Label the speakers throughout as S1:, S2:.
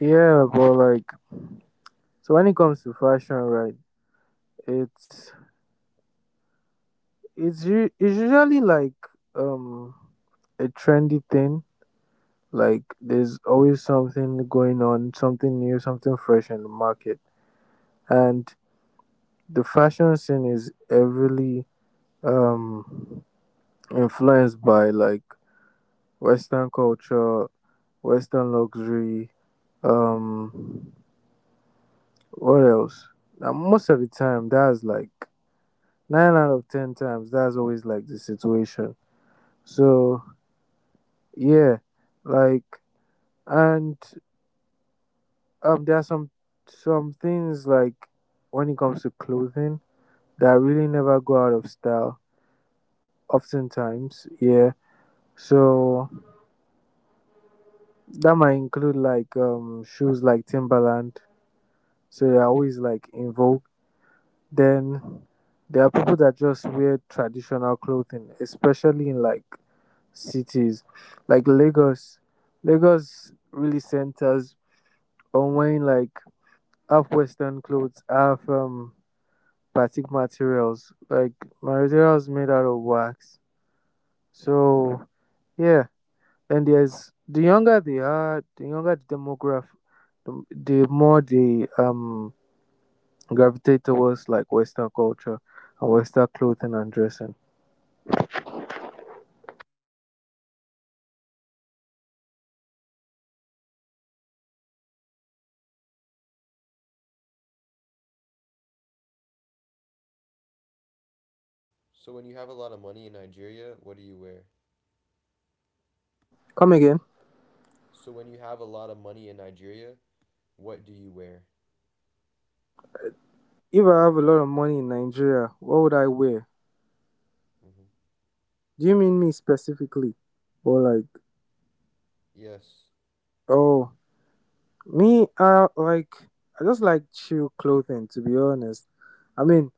S1: Yeah, but like, so when it comes to fashion, right? It's it's usually like um a trendy thing. Like there's always something going on, something new, something fresh in the market, and the fashion scene is heavily um influenced by like Western culture, Western luxury. Um, what else? Now, most of the time, that's like nine out of ten times that's always like the situation so yeah, like and there are some things like when it comes to clothing that really never go out of style oftentimes, yeah. So that might include like shoes like Timberland, so they're always like in vogue. Then there are people that just wear traditional clothing, especially in like cities like Lagos. Lagos really centers on wearing like half Western clothes, half batik materials, like materials made out of wax. So yeah, then there's the younger they are, the younger the demograph, the more they gravitate towards like Western culture and Western clothing and dressing. Come again. If I have a lot of money in Nigeria, what would I wear? Do you mean me specifically? Or like, oh, me, I like, I just like chill clothing, to be honest. I mean,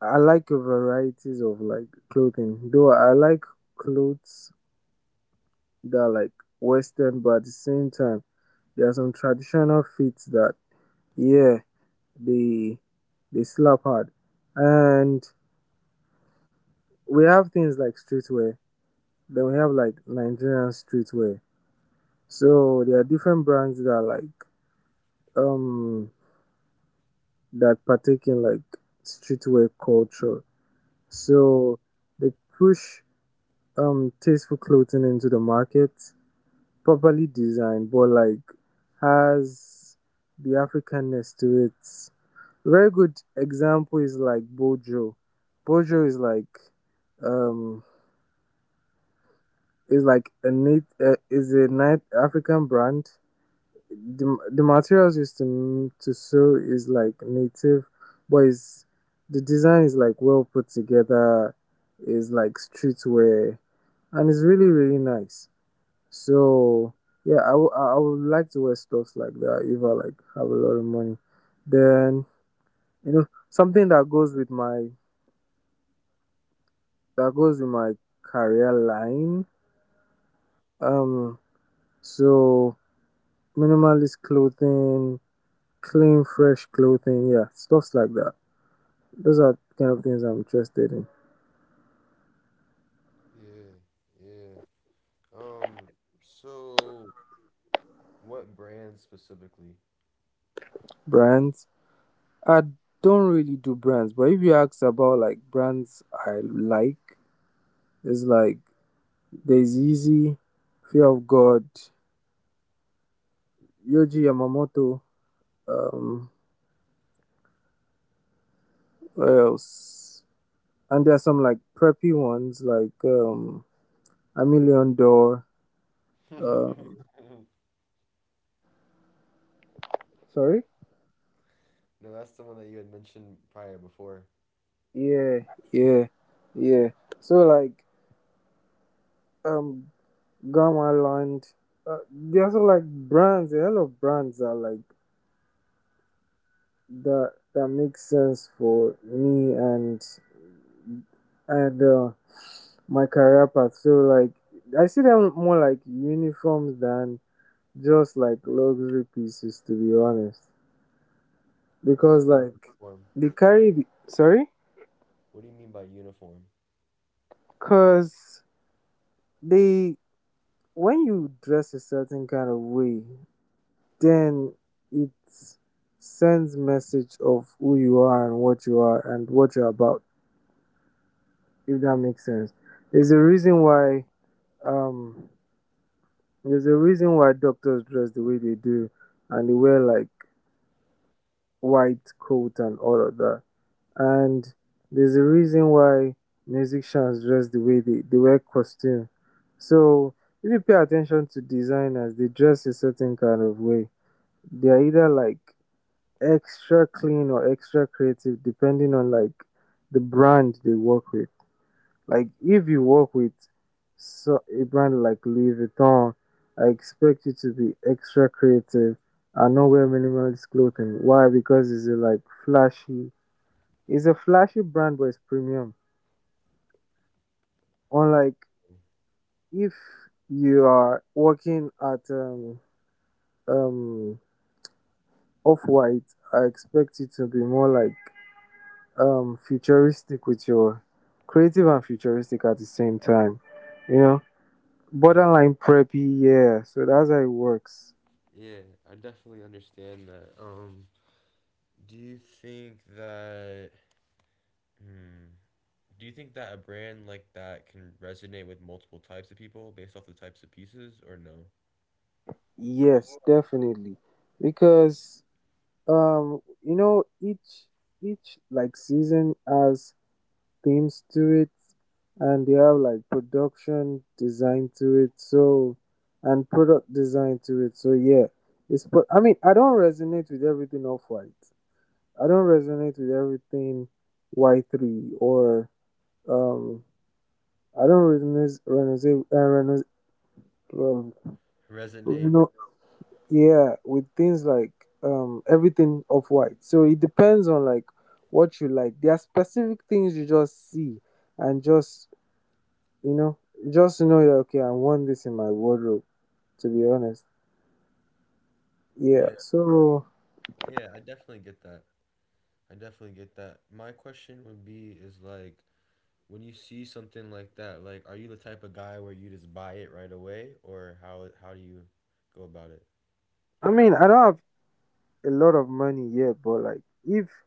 S1: I like a varieties of like clothing, though I like clothes that are like Western, but at the same time, there are some traditional fits that, yeah, they, they slap hard. And we have things like streetwear, then we have like Nigerian streetwear. So there are different brands that are like, um that partake in like streetwear culture. So they push tasteful clothing into the market, properly designed, but like has the Africanness to it. Very good example is like Bojo. Bojo um is like a neat is a night African brand. The materials used to to sew is like native, but it's, the design is like well put together. Is like streetwear, and it's really really nice. So yeah, I would like to wear stuffs like that if I like have a lot of money. Then you know something that goes with my career line. Um, so minimalist clothing, clean fresh clothing, yeah, stuffs like that. Those are the kind of things I'm interested in. Brands. I don't really do brands, but if you ask about like brands I like, it's like there's Easy, Fear of God, Yoji Yamamoto, um, what else? And there are some like preppy ones like A Million Door. Um, Sorry? Yeah, yeah, yeah. So like um, Gamma Land. There's also like brands. A lot of brands are like that makes sense for me and and uh, my career path. So like I see them more like uniforms than just like luxury pieces, to be honest. Because like they carry the, sorry, cause they when you dress a certain kind of way, then it sends message of who you are and what you are and what you're about. If that makes sense, there's a reason why um There's a reason why doctors dress the way they do and they wear like white coat and all of that. And there's a reason why musicians dress the way they wear costume. So if you pay attention to designers, they dress a certain kind of way. They are either like extra clean or extra creative depending on like the brand they work with. Like if you work with so, a brand like Louis Vuitton, I expect you to be extra creative and not wear minimalist clothing. Why? Because it's a, like flashy. It's a flashy brand, but it's premium. Unlike if you are working at um off white, I expect you to be more like futuristic with your creative and futuristic at the same time. You know. Borderline preppy, yeah, so that's how it works. Yes, definitely, because you know each like season has themes to it and they have like production design to it, so and product design to it, so yeah. It's but I mean I don't resonate with everything off white, I don't resonate with everything y3 or um I don't resonate you know, yeah, with things like everything off white. So it depends on like what you like, there are specific things you just see and just you know just know that okay I want this in my wardrobe, to be honest. Yeah, so I mean I don't have a lot of money yet, but like if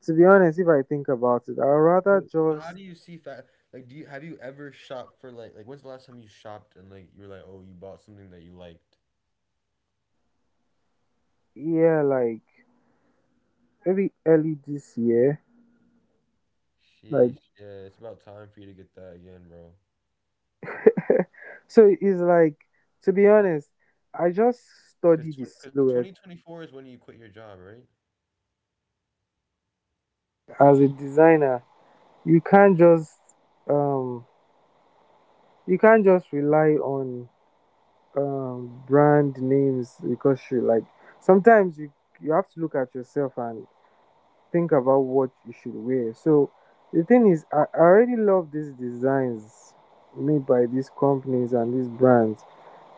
S1: to be honest if I think about it I'd rather just yeah like maybe early this year like so it's like, to be honest, I just study the silhouette
S2: As a designer, you can't just um you can't just rely on brand names, because you, like, sometimes you, you have to look at yourself and think about what you should wear. So the thing is, I already love these designs made by these companies and these brands,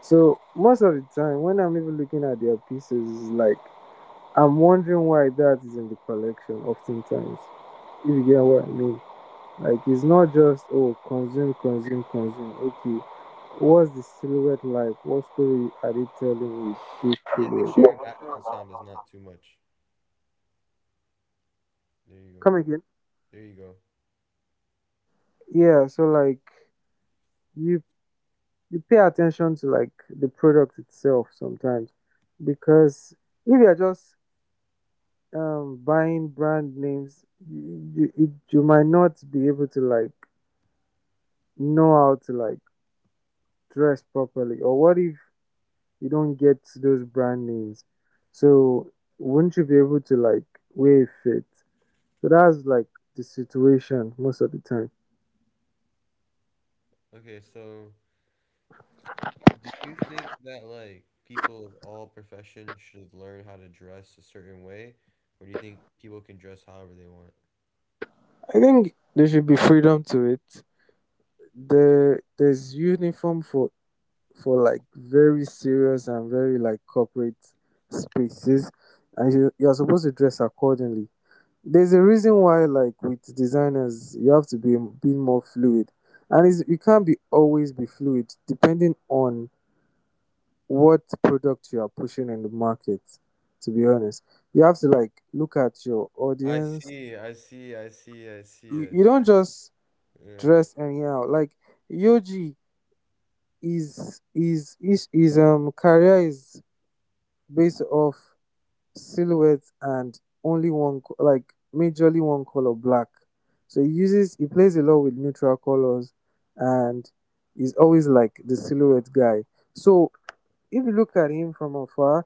S2: so most of the time when I'm even looking at their pieces, it's like I'm wondering why that is in the collection oftentimes, if you get what I mean. Like, it's not just oh consume, consume, consume. Okay, what's the silhouette like? What story are they telling with this silhouette? Come again. Yeah, so like you you pay attention to like the product itself sometimes, because if you're just buying brand names, you, you you might not be able to, like, know how to, like, dress properly. Or what if you don't get those brand names? So wouldn't you be able to, like, wear it? So that's like the situation most of the time. I think there should be freedom to it. There's uniform for like very serious and very like corporate spaces, and you, you're supposed to dress accordingly. There's a reason why, like, with designers you have to be more fluid. And it's, you can't be always be fluid depending on what product you are pushing in the market. To be honest, you have to like look at your audience. You don't just dress anyhow, like, yoji is is his career is based off silhouettes and only one like majorly one color, black. So he uses, he plays a lot with neutral colors. And he's always like the silhouette guy. So if you look at him from afar,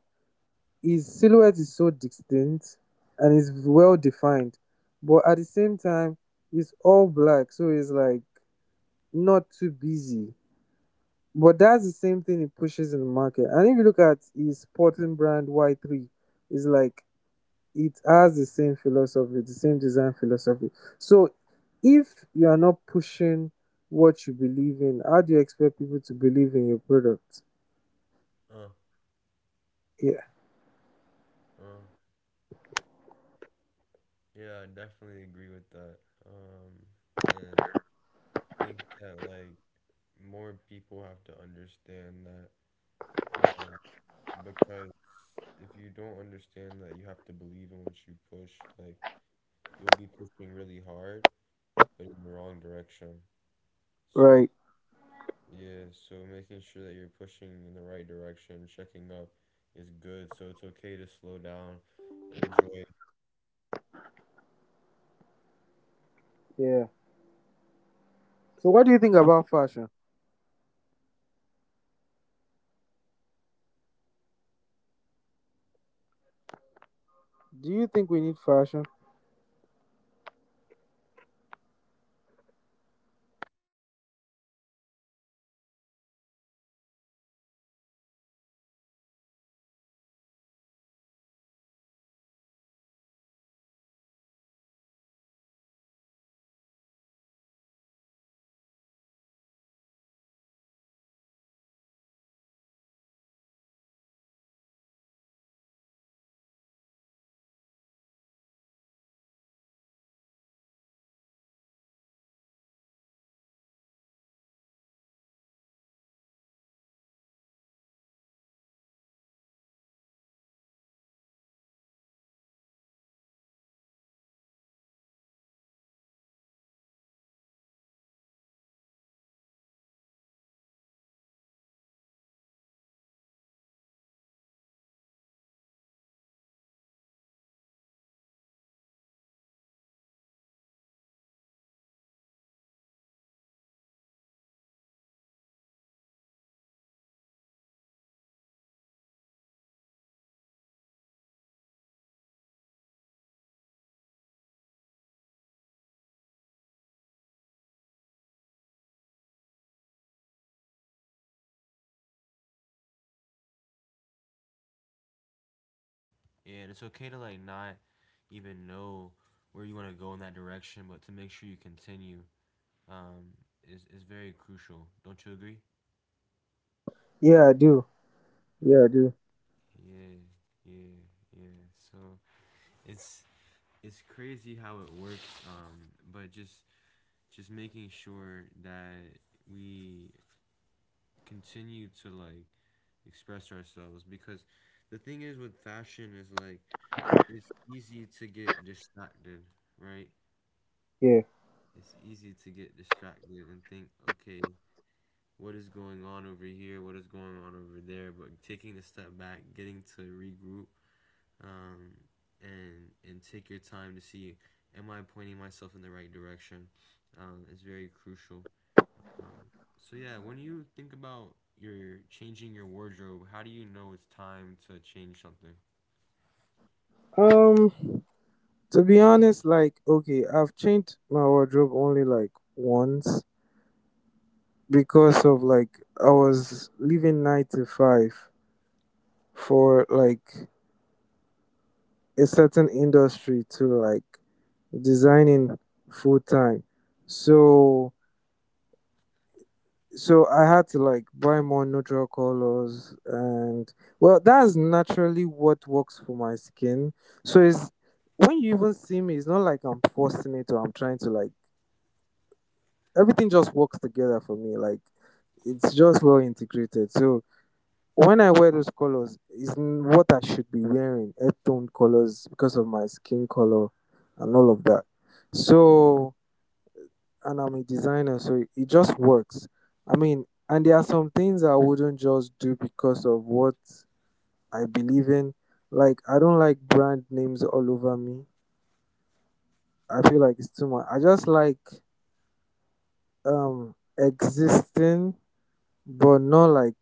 S2: his silhouette is so distinct and is well defined, but at the same time, it's all black, so it's like not too busy. But that's the same thing he pushes in the market. And if you look at his sporting brand Y3, it's like it has the same philosophy, the same design philosophy. So if you are not pushing what you believe in, how do you expect people to believe in your product? Yeah. Right. Yeah. So what do you think about fashion? Do you think we need fashion?
S3: And it's okay to like not even know where you want to go in that direction, but to make sure you continue um, is very crucial. Don't you agree?
S2: Yeah, I do. Yeah, I do.
S3: Yeah, yeah, yeah. So it's it's crazy how it works, but just making sure that we continue to like express ourselves, because the thing is with fashion is like it's easy to get distracted, right?
S2: Yeah.
S3: It's easy to get distracted and think, okay, what is going on over here? What is going on over there? But taking a step back, getting to regroup, um, and take your time to see, am I pointing myself in the right direction? Is very crucial. Um, so yeah, when you think about your changing your wardrobe, how do you know it's time to change
S2: Um, to be honest, like, okay, I've changed my wardrobe only like once, because of, like, I was leaving 9 to 5 for like a certain industry to like designing full time. So so I had to like buy more neutral colors, and, well, that's naturally what works for my skin. So it's, when you even see me, it's not like I'm forcing it or I'm trying to, like, everything just works together for me. Like, it's just well integrated. So when I wear those colors, is what I should be wearing, earth tone colors, because of my skin color and all of that. So, and I'm a designer, so it just works. I mean, and there are some things I wouldn't just do because of what I believe in. Like, I don't like brand names all over me. I feel like it's too much. I just like existing, but not like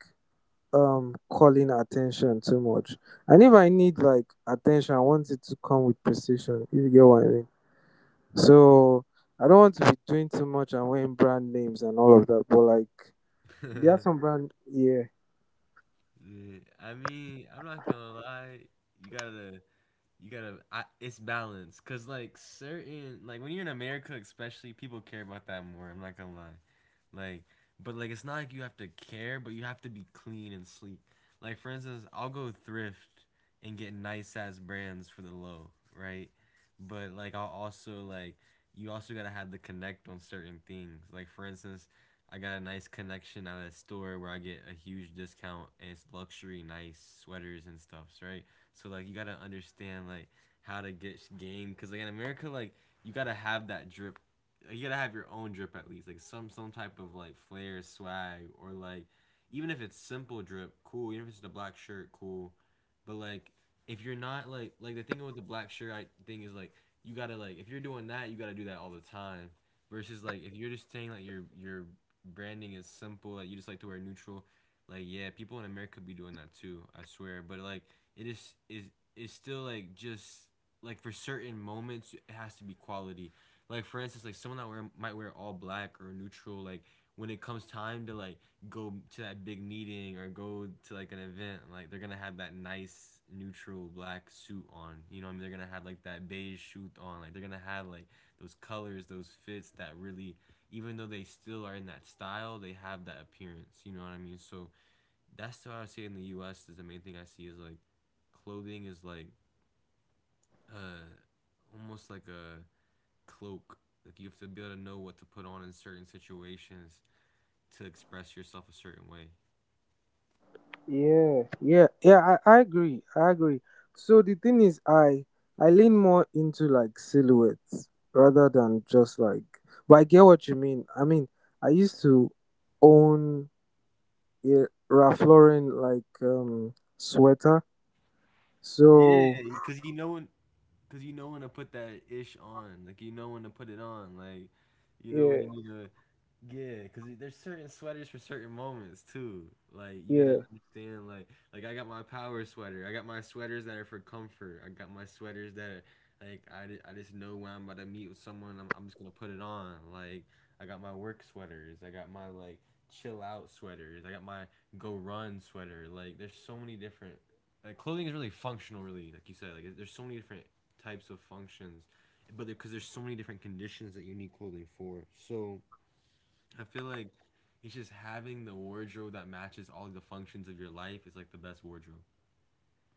S2: calling attention too much. And if I need like attention, I want it to come with precision. If you get what I mean. So I don't want to be doing too much and wearing brand names and all of that. But like there are
S3: something?
S2: some brand, yeah,
S3: Yeah, I mean, I'm not gonna lie. You gotta you gotta, it's balanced, because like certain, like when you're in America especially, people care about that more, I'm not gonna lie, like. But like it's not like you have to care, but you have to be clean and sleek. Like for instance, I'll go thrift and get nice ass brands for the low, right? But like I'll also like, you also gotta have the connect on certain things. Like for instance, I got a nice connection at a store where I get a huge discount and it's luxury nice sweaters and stuffs, right? So like you gotta understand like how to get game, because like in America, like you gotta have that drip. Like, you gotta have your own drip, at least like some type of like flair, swag, or like, even if it's simple drip, cool. Even if it's just a black shirt, cool. But like if you're not like, like the thing with the black shirt I think is like, you gotta like, if you're doing that, you gotta do that all the time, versus like if you're just saying like your branding is simple, like you just like to wear neutral. Like, yeah, people in America be doing that too, I swear, but like, it is still like just, like for certain moments it has to be quality. Like for instance, like someone that wear, might wear all black or neutral. Like when it comes time to like go to that big meeting or go to like an event, like they're gonna have that nice neutral black suit on. You know what I mean, they're gonna have like that beige suit on. Like they're gonna have like those colors, those fits that really, even though they still are in that style, they have that appearance. You know what I mean? So that's what I would say in the U.S. is the main thing I see is like, clothing is like uh almost like a cloak. Like you have to be able to know what to put on in certain situations to express yourself a certain way.
S2: yeah, yeah, yeah. I agree, I agree. So the thing is, I lean more into like silhouettes rather than just like. But I get what you mean. I mean, I used to own a Ralph Lauren like sweater.
S3: Yeah,
S2: So
S3: because you know, cause you know when to put that ish on, like you know when to put it on, like you know when
S2: yeah,
S3: you need to, yeah. Cause there's certain sweaters for certain moments too. Like you gotta
S2: yeah,
S3: understand, like I got my power sweater, I got my sweaters that are for comfort, I got my sweaters that are like, I just know when I'm about to meet with someone, I'm just gonna put it on. Like I got my work sweaters, I got my like chill out sweaters, I got my go run sweater. Like there's so many different, like clothing is really functional, really, like you said, like there's so many different types of functions, but because there's so many different conditions that you need clothing for. So I feel like it's just having the wardrobe that matches all the functions of your life is like the best wardrobe.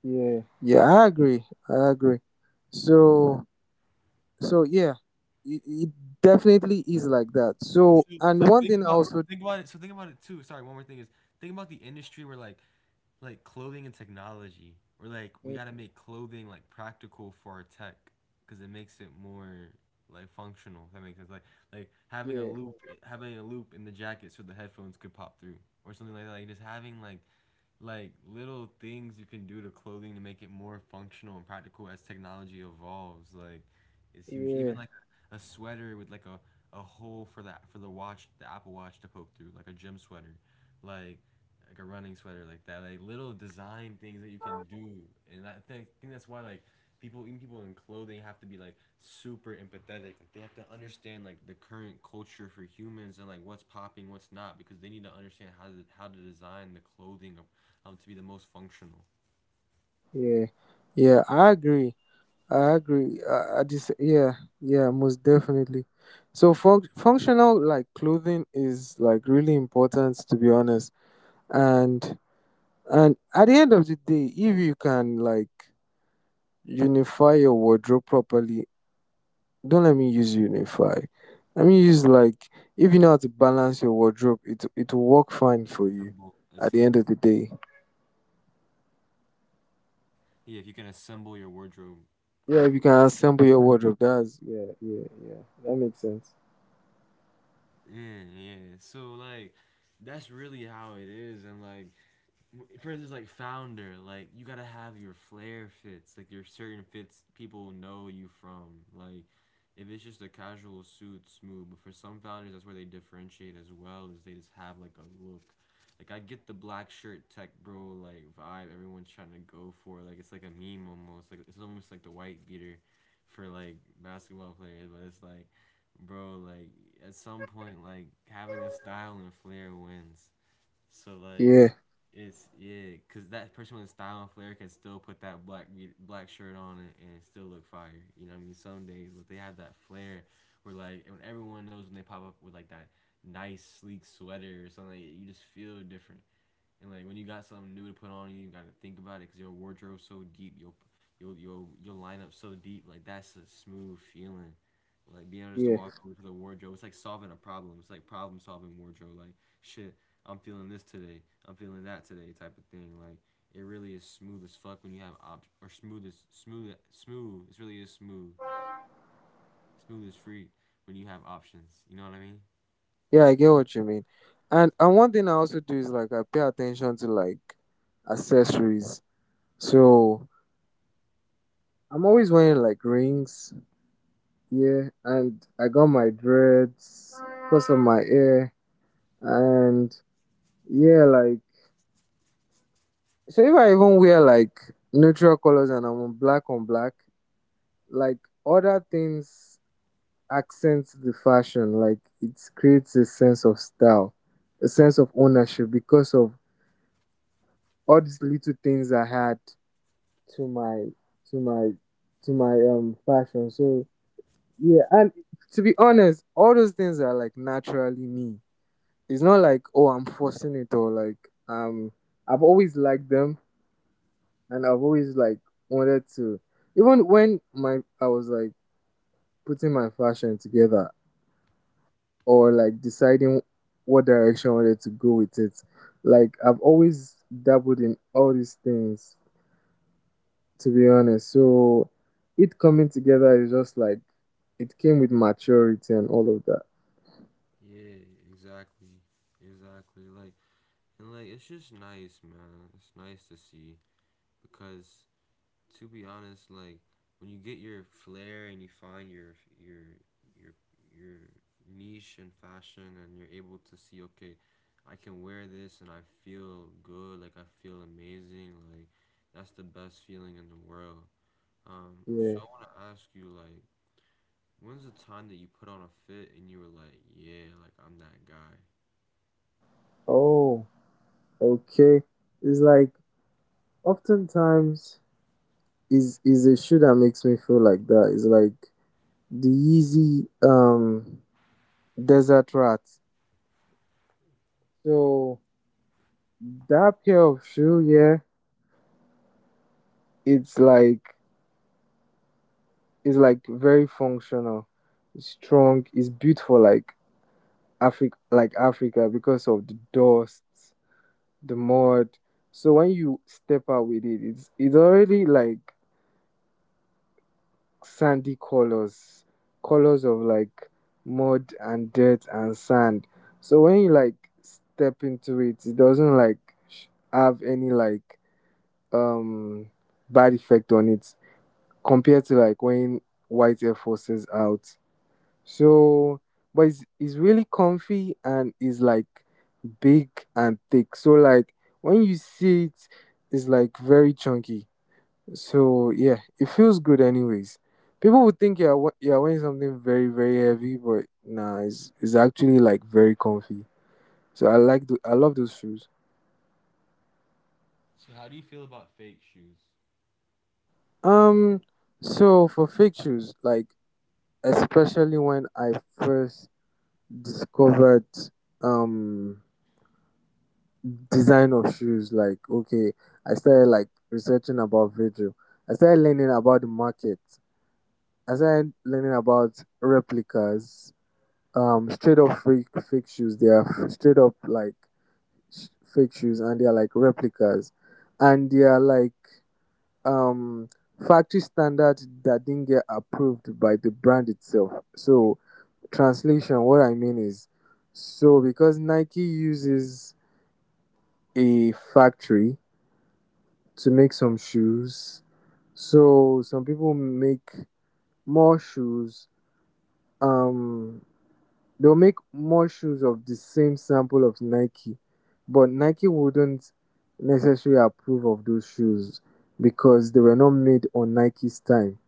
S2: yeah, yeah. I agree, I agree. So so yeah, it definitely is like that. So
S3: So,
S2: and one thing I
S3: so
S2: also.
S3: think about it so think about it too. Sorry, one more thing is, think about the industry where like clothing and technology, or like, we
S2: Mm,
S3: gotta make clothing like practical for our tech, because it makes it more like functional. If that makes sense. Like
S2: yeah.
S3: having a loop in the jacket so the headphones could pop through, or something like that. Like just having like little things you can do to clothing to make it more functional and practical as technology evolves, like is huge. Even
S2: Yeah,
S3: like a sweater with like a hole for that, for the watch, the Apple watch to poke through, like a gym sweater, like like a running sweater, like that, like little design things that you can do. And I think that's why like, people, even people in clothing, have to be like super empathetic, like they have to understand like the current culture for humans and like what's popping, what's not, because they need to understand how to design the clothing of, to be the most functional.
S2: yeah, yeah. I agree. I agree. I just yeah, yeah, most definitely. So functional like clothing is like really important, to be honest. And and at the end of the day, if you can like unify your wardrobe properly, don't let me use unify. I mean use like, if you know how to balance your wardrobe, it will work fine for you
S3: assemble
S2: at the end
S3: assemble
S2: of the day.
S3: yeah, if you can assemble your wardrobe
S2: Yeah, if you
S3: correctly.
S2: can assemble your wardrobe, that's yeah, yeah, yeah. That makes sense.
S3: Yeah, yeah, so like that's really how it is. And like for instance, like founder, like you gotta have your flair fits, like your certain fits people know you from. Like, if it's just a casual suit, smooth. But for some founders, that's where they differentiate as well, is they just have like a look. Like I get the black shirt tech bro like vibe everyone's trying to go for. Like it's like a meme almost. Like it's almost like the white beater, for like basketball players. But it's like, bro, like at some point, like having a style and flair wins. So like,
S2: Yeah,
S3: it's yeah, cause that person with style and flair can still put that black shirt on and still look fire. You know what I mean? Some days, but they have that flair where like when everyone knows when they pop up with like that nice sleek sweater or something, like, you just feel different. And like when you got something new to put on, you gotta think about it because your wardrobe's so deep, your lineup so deep. Like that's a smooth feeling. Like being able just to
S2: yeah,
S3: walk over to the wardrobe, it's like solving a problem. It's like problem solving wardrobe. Like shit, I'm feeling this today. I'm feeling that today, type of thing. Like it really is smooth as fuck when you have op, or smooth as smooth. It really is smooth, smooth as free when you have options. You know what I mean?
S2: yeah. I get what you mean. And one thing I also do is like I pay attention to like accessories. So I'm always wearing like rings. Yeah, and I got my dreads because of my hair. And yeah, like, so if I even wear like neutral colors and I'm on black, like, other things accent the fashion. Like, it creates a sense of style, a sense of ownership, because of all these little things I had to my to my fashion. So yeah, and to be honest, all those things are like naturally me. It's not like oh I'm forcing it, or like um I've always liked them, and I've always like wanted to, even when my I was like putting my fashion together, or like deciding what direction I wanted to go with it. Like, I've always dabbled in all these things, to be honest. So it coming together is just like it came with maturity and all of that.
S3: Yeah, exactly, exactly. Like, and like it's just nice, man. It's nice to see, because to be honest, like when you get your flair and you find your your your niche in fashion and you're able to see, okay, I can wear this and I feel good, like I feel amazing, like that's the best feeling in the world. So
S2: Yeah.
S3: I want to ask you like, when's the time that you put on a fit and you were like, yeah, like I'm that guy?
S2: Oh, okay. It's like oftentimes is a shoe that makes me feel like that. It's like the easy desert rat. So that pair of shoe, yeah, it's like it's like very functional, it's strong, it's built for like Africa because of the dust, the mud. So when you step out with it, it's already like sandy colors, colors of like mud and dirt and sand. So when you like step into it, it doesn't like sh- have any like um bad effect on it, compared to like when white Air Forces out. So, but it's really comfy, and it's like big and thick. So, like when you see it, it's like very chunky. So, yeah, it feels good, anyways. People would think you're, you're wearing something very, very heavy, but nah, it's actually like very comfy. So, I like, the, I love those shoes.
S3: So how do you feel about fake shoes?
S2: Um, so for fake shoes, like especially when I first discovered um design of shoes, like okay, I started like researching about video, I started learning about the market, I started learning about replicas, straight up fake shoes, they are straight up like sh- fake shoes, and they are like replicas, and they are like um factory standard that didn't get approved by the brand itself. So, translation what I mean is, so because nike uses a factory to make some shoes. So some people make more shoes. Um, they'll make more shoes of the same sample of Nike, but Nike wouldn't necessarily approve of those shoes because they were not made on Nike's time.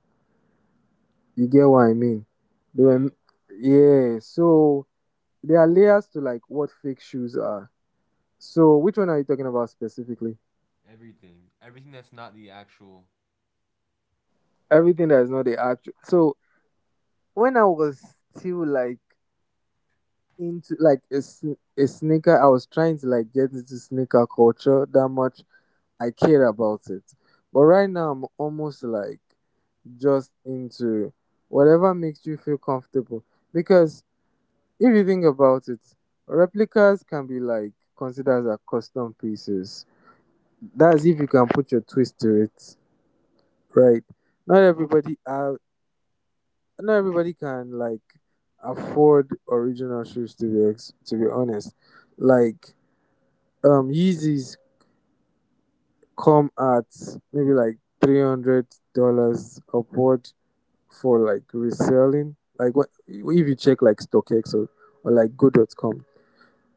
S2: You get what I mean? They were,
S3: Yeah.
S2: yeah. So there are layers to like what fake shoes are. So which one are you talking about specifically?
S3: Everything. Everything that's not the actual.
S2: Everything that is not the actual. So when I was still like into like a sneaker, I was trying to like get into sneaker culture that much. I care about it, but right now I'm almost like just into whatever makes you feel comfortable. Because if you think about it, replicas can be like considered as custom pieces. That's if you can put your twist to it, right? Not everybody have Not everybody can like afford original shoes, to be to be honest. Like, yeezys come at maybe like $300 upward for like reselling, like what if you check like stockx or like go.com.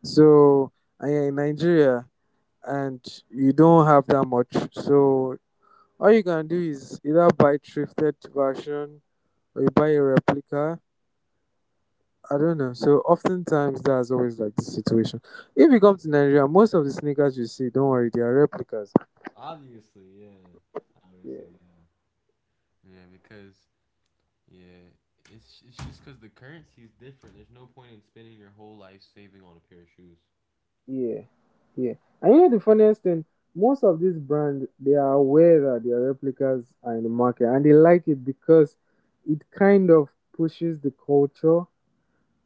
S2: So and you're in nigeria and you don't have that much, so all you can do is either buy thrifted version or you buy a replica, I don't know. So oftentimes that's always like the situation. If you come to Nigeria, most of the sneakers you see, don't worry, they are replicas.
S3: Obviously, yeah.
S2: Yeah,
S3: Obviously, yeah. Yeah, because, yeah, it's just because the currency is different. There's no point in spending your whole life saving on a pair of shoes.
S2: yeah, yeah. And you know the funniest thing, most of these brands they are aware that their replicas are in the market, and they like it because it kind of pushes the culture,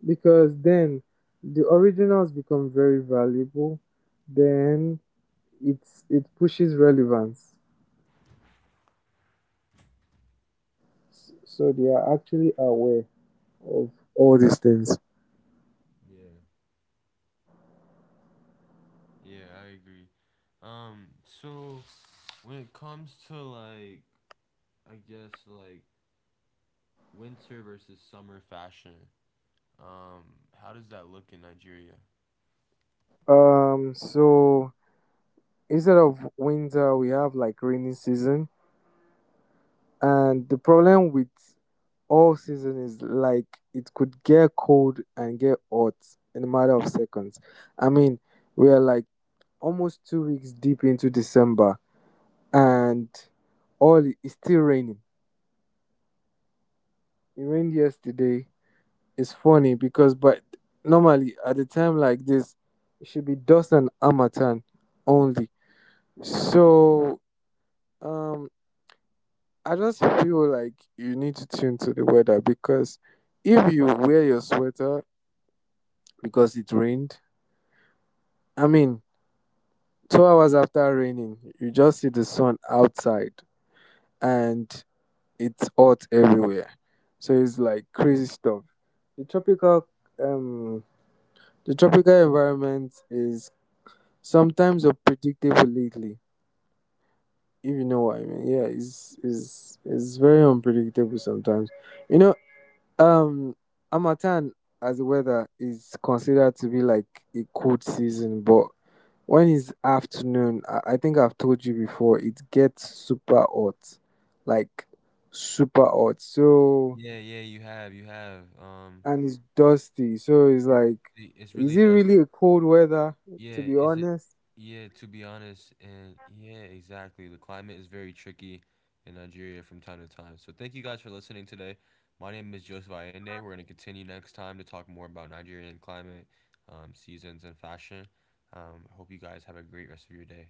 S2: because then the originals become very valuable. Then it's it pushes relevance. So they are actually aware of all these things.
S3: Yeah. Yeah, I agree. So when it comes to like, I guess like winter versus summer fashion, um, how does that look in Nigeria?
S2: So instead of winter, we have like rainy season, and the problem with all season is like it could get cold and get hot in a matter of seconds. I mean, we are like almost 2 weeks deep into December, and all it's still raining. It rained yesterday. It's funny because, but normally at the time like this, it should be dust and amatan only. So um I just feel like you need to tune to the weather, because if you wear your sweater because it rained, I mean, 2 hours after raining, you just see the sun outside and it's hot everywhere. So it's like crazy stuff. The tropical um the tropical environment is sometimes unpredictable lately, if you know what I mean. Yeah, it's it's very unpredictable sometimes. You know, Um, Amatan as the weather is considered to be like a cold season, but when it's afternoon, I think I've told you before, it gets super hot, like super hot. So
S3: Yeah, yeah, you have, you have.
S2: and it's dusty, so it's
S3: Yeah,
S2: like,
S3: it's
S2: is
S3: really
S2: it
S3: dusty.
S2: really a cold weather? To
S3: Yeah,
S2: be
S3: is it?
S2: honest,
S3: Yeah, to be honest, and yeah, exactly. The climate is very tricky in Nigeria from time to time. So thank you guys for listening today. My name is Joseph Allende. We're going to continue next time to talk more about Nigerian climate, seasons, and fashion. I hope you guys have a great rest of your day.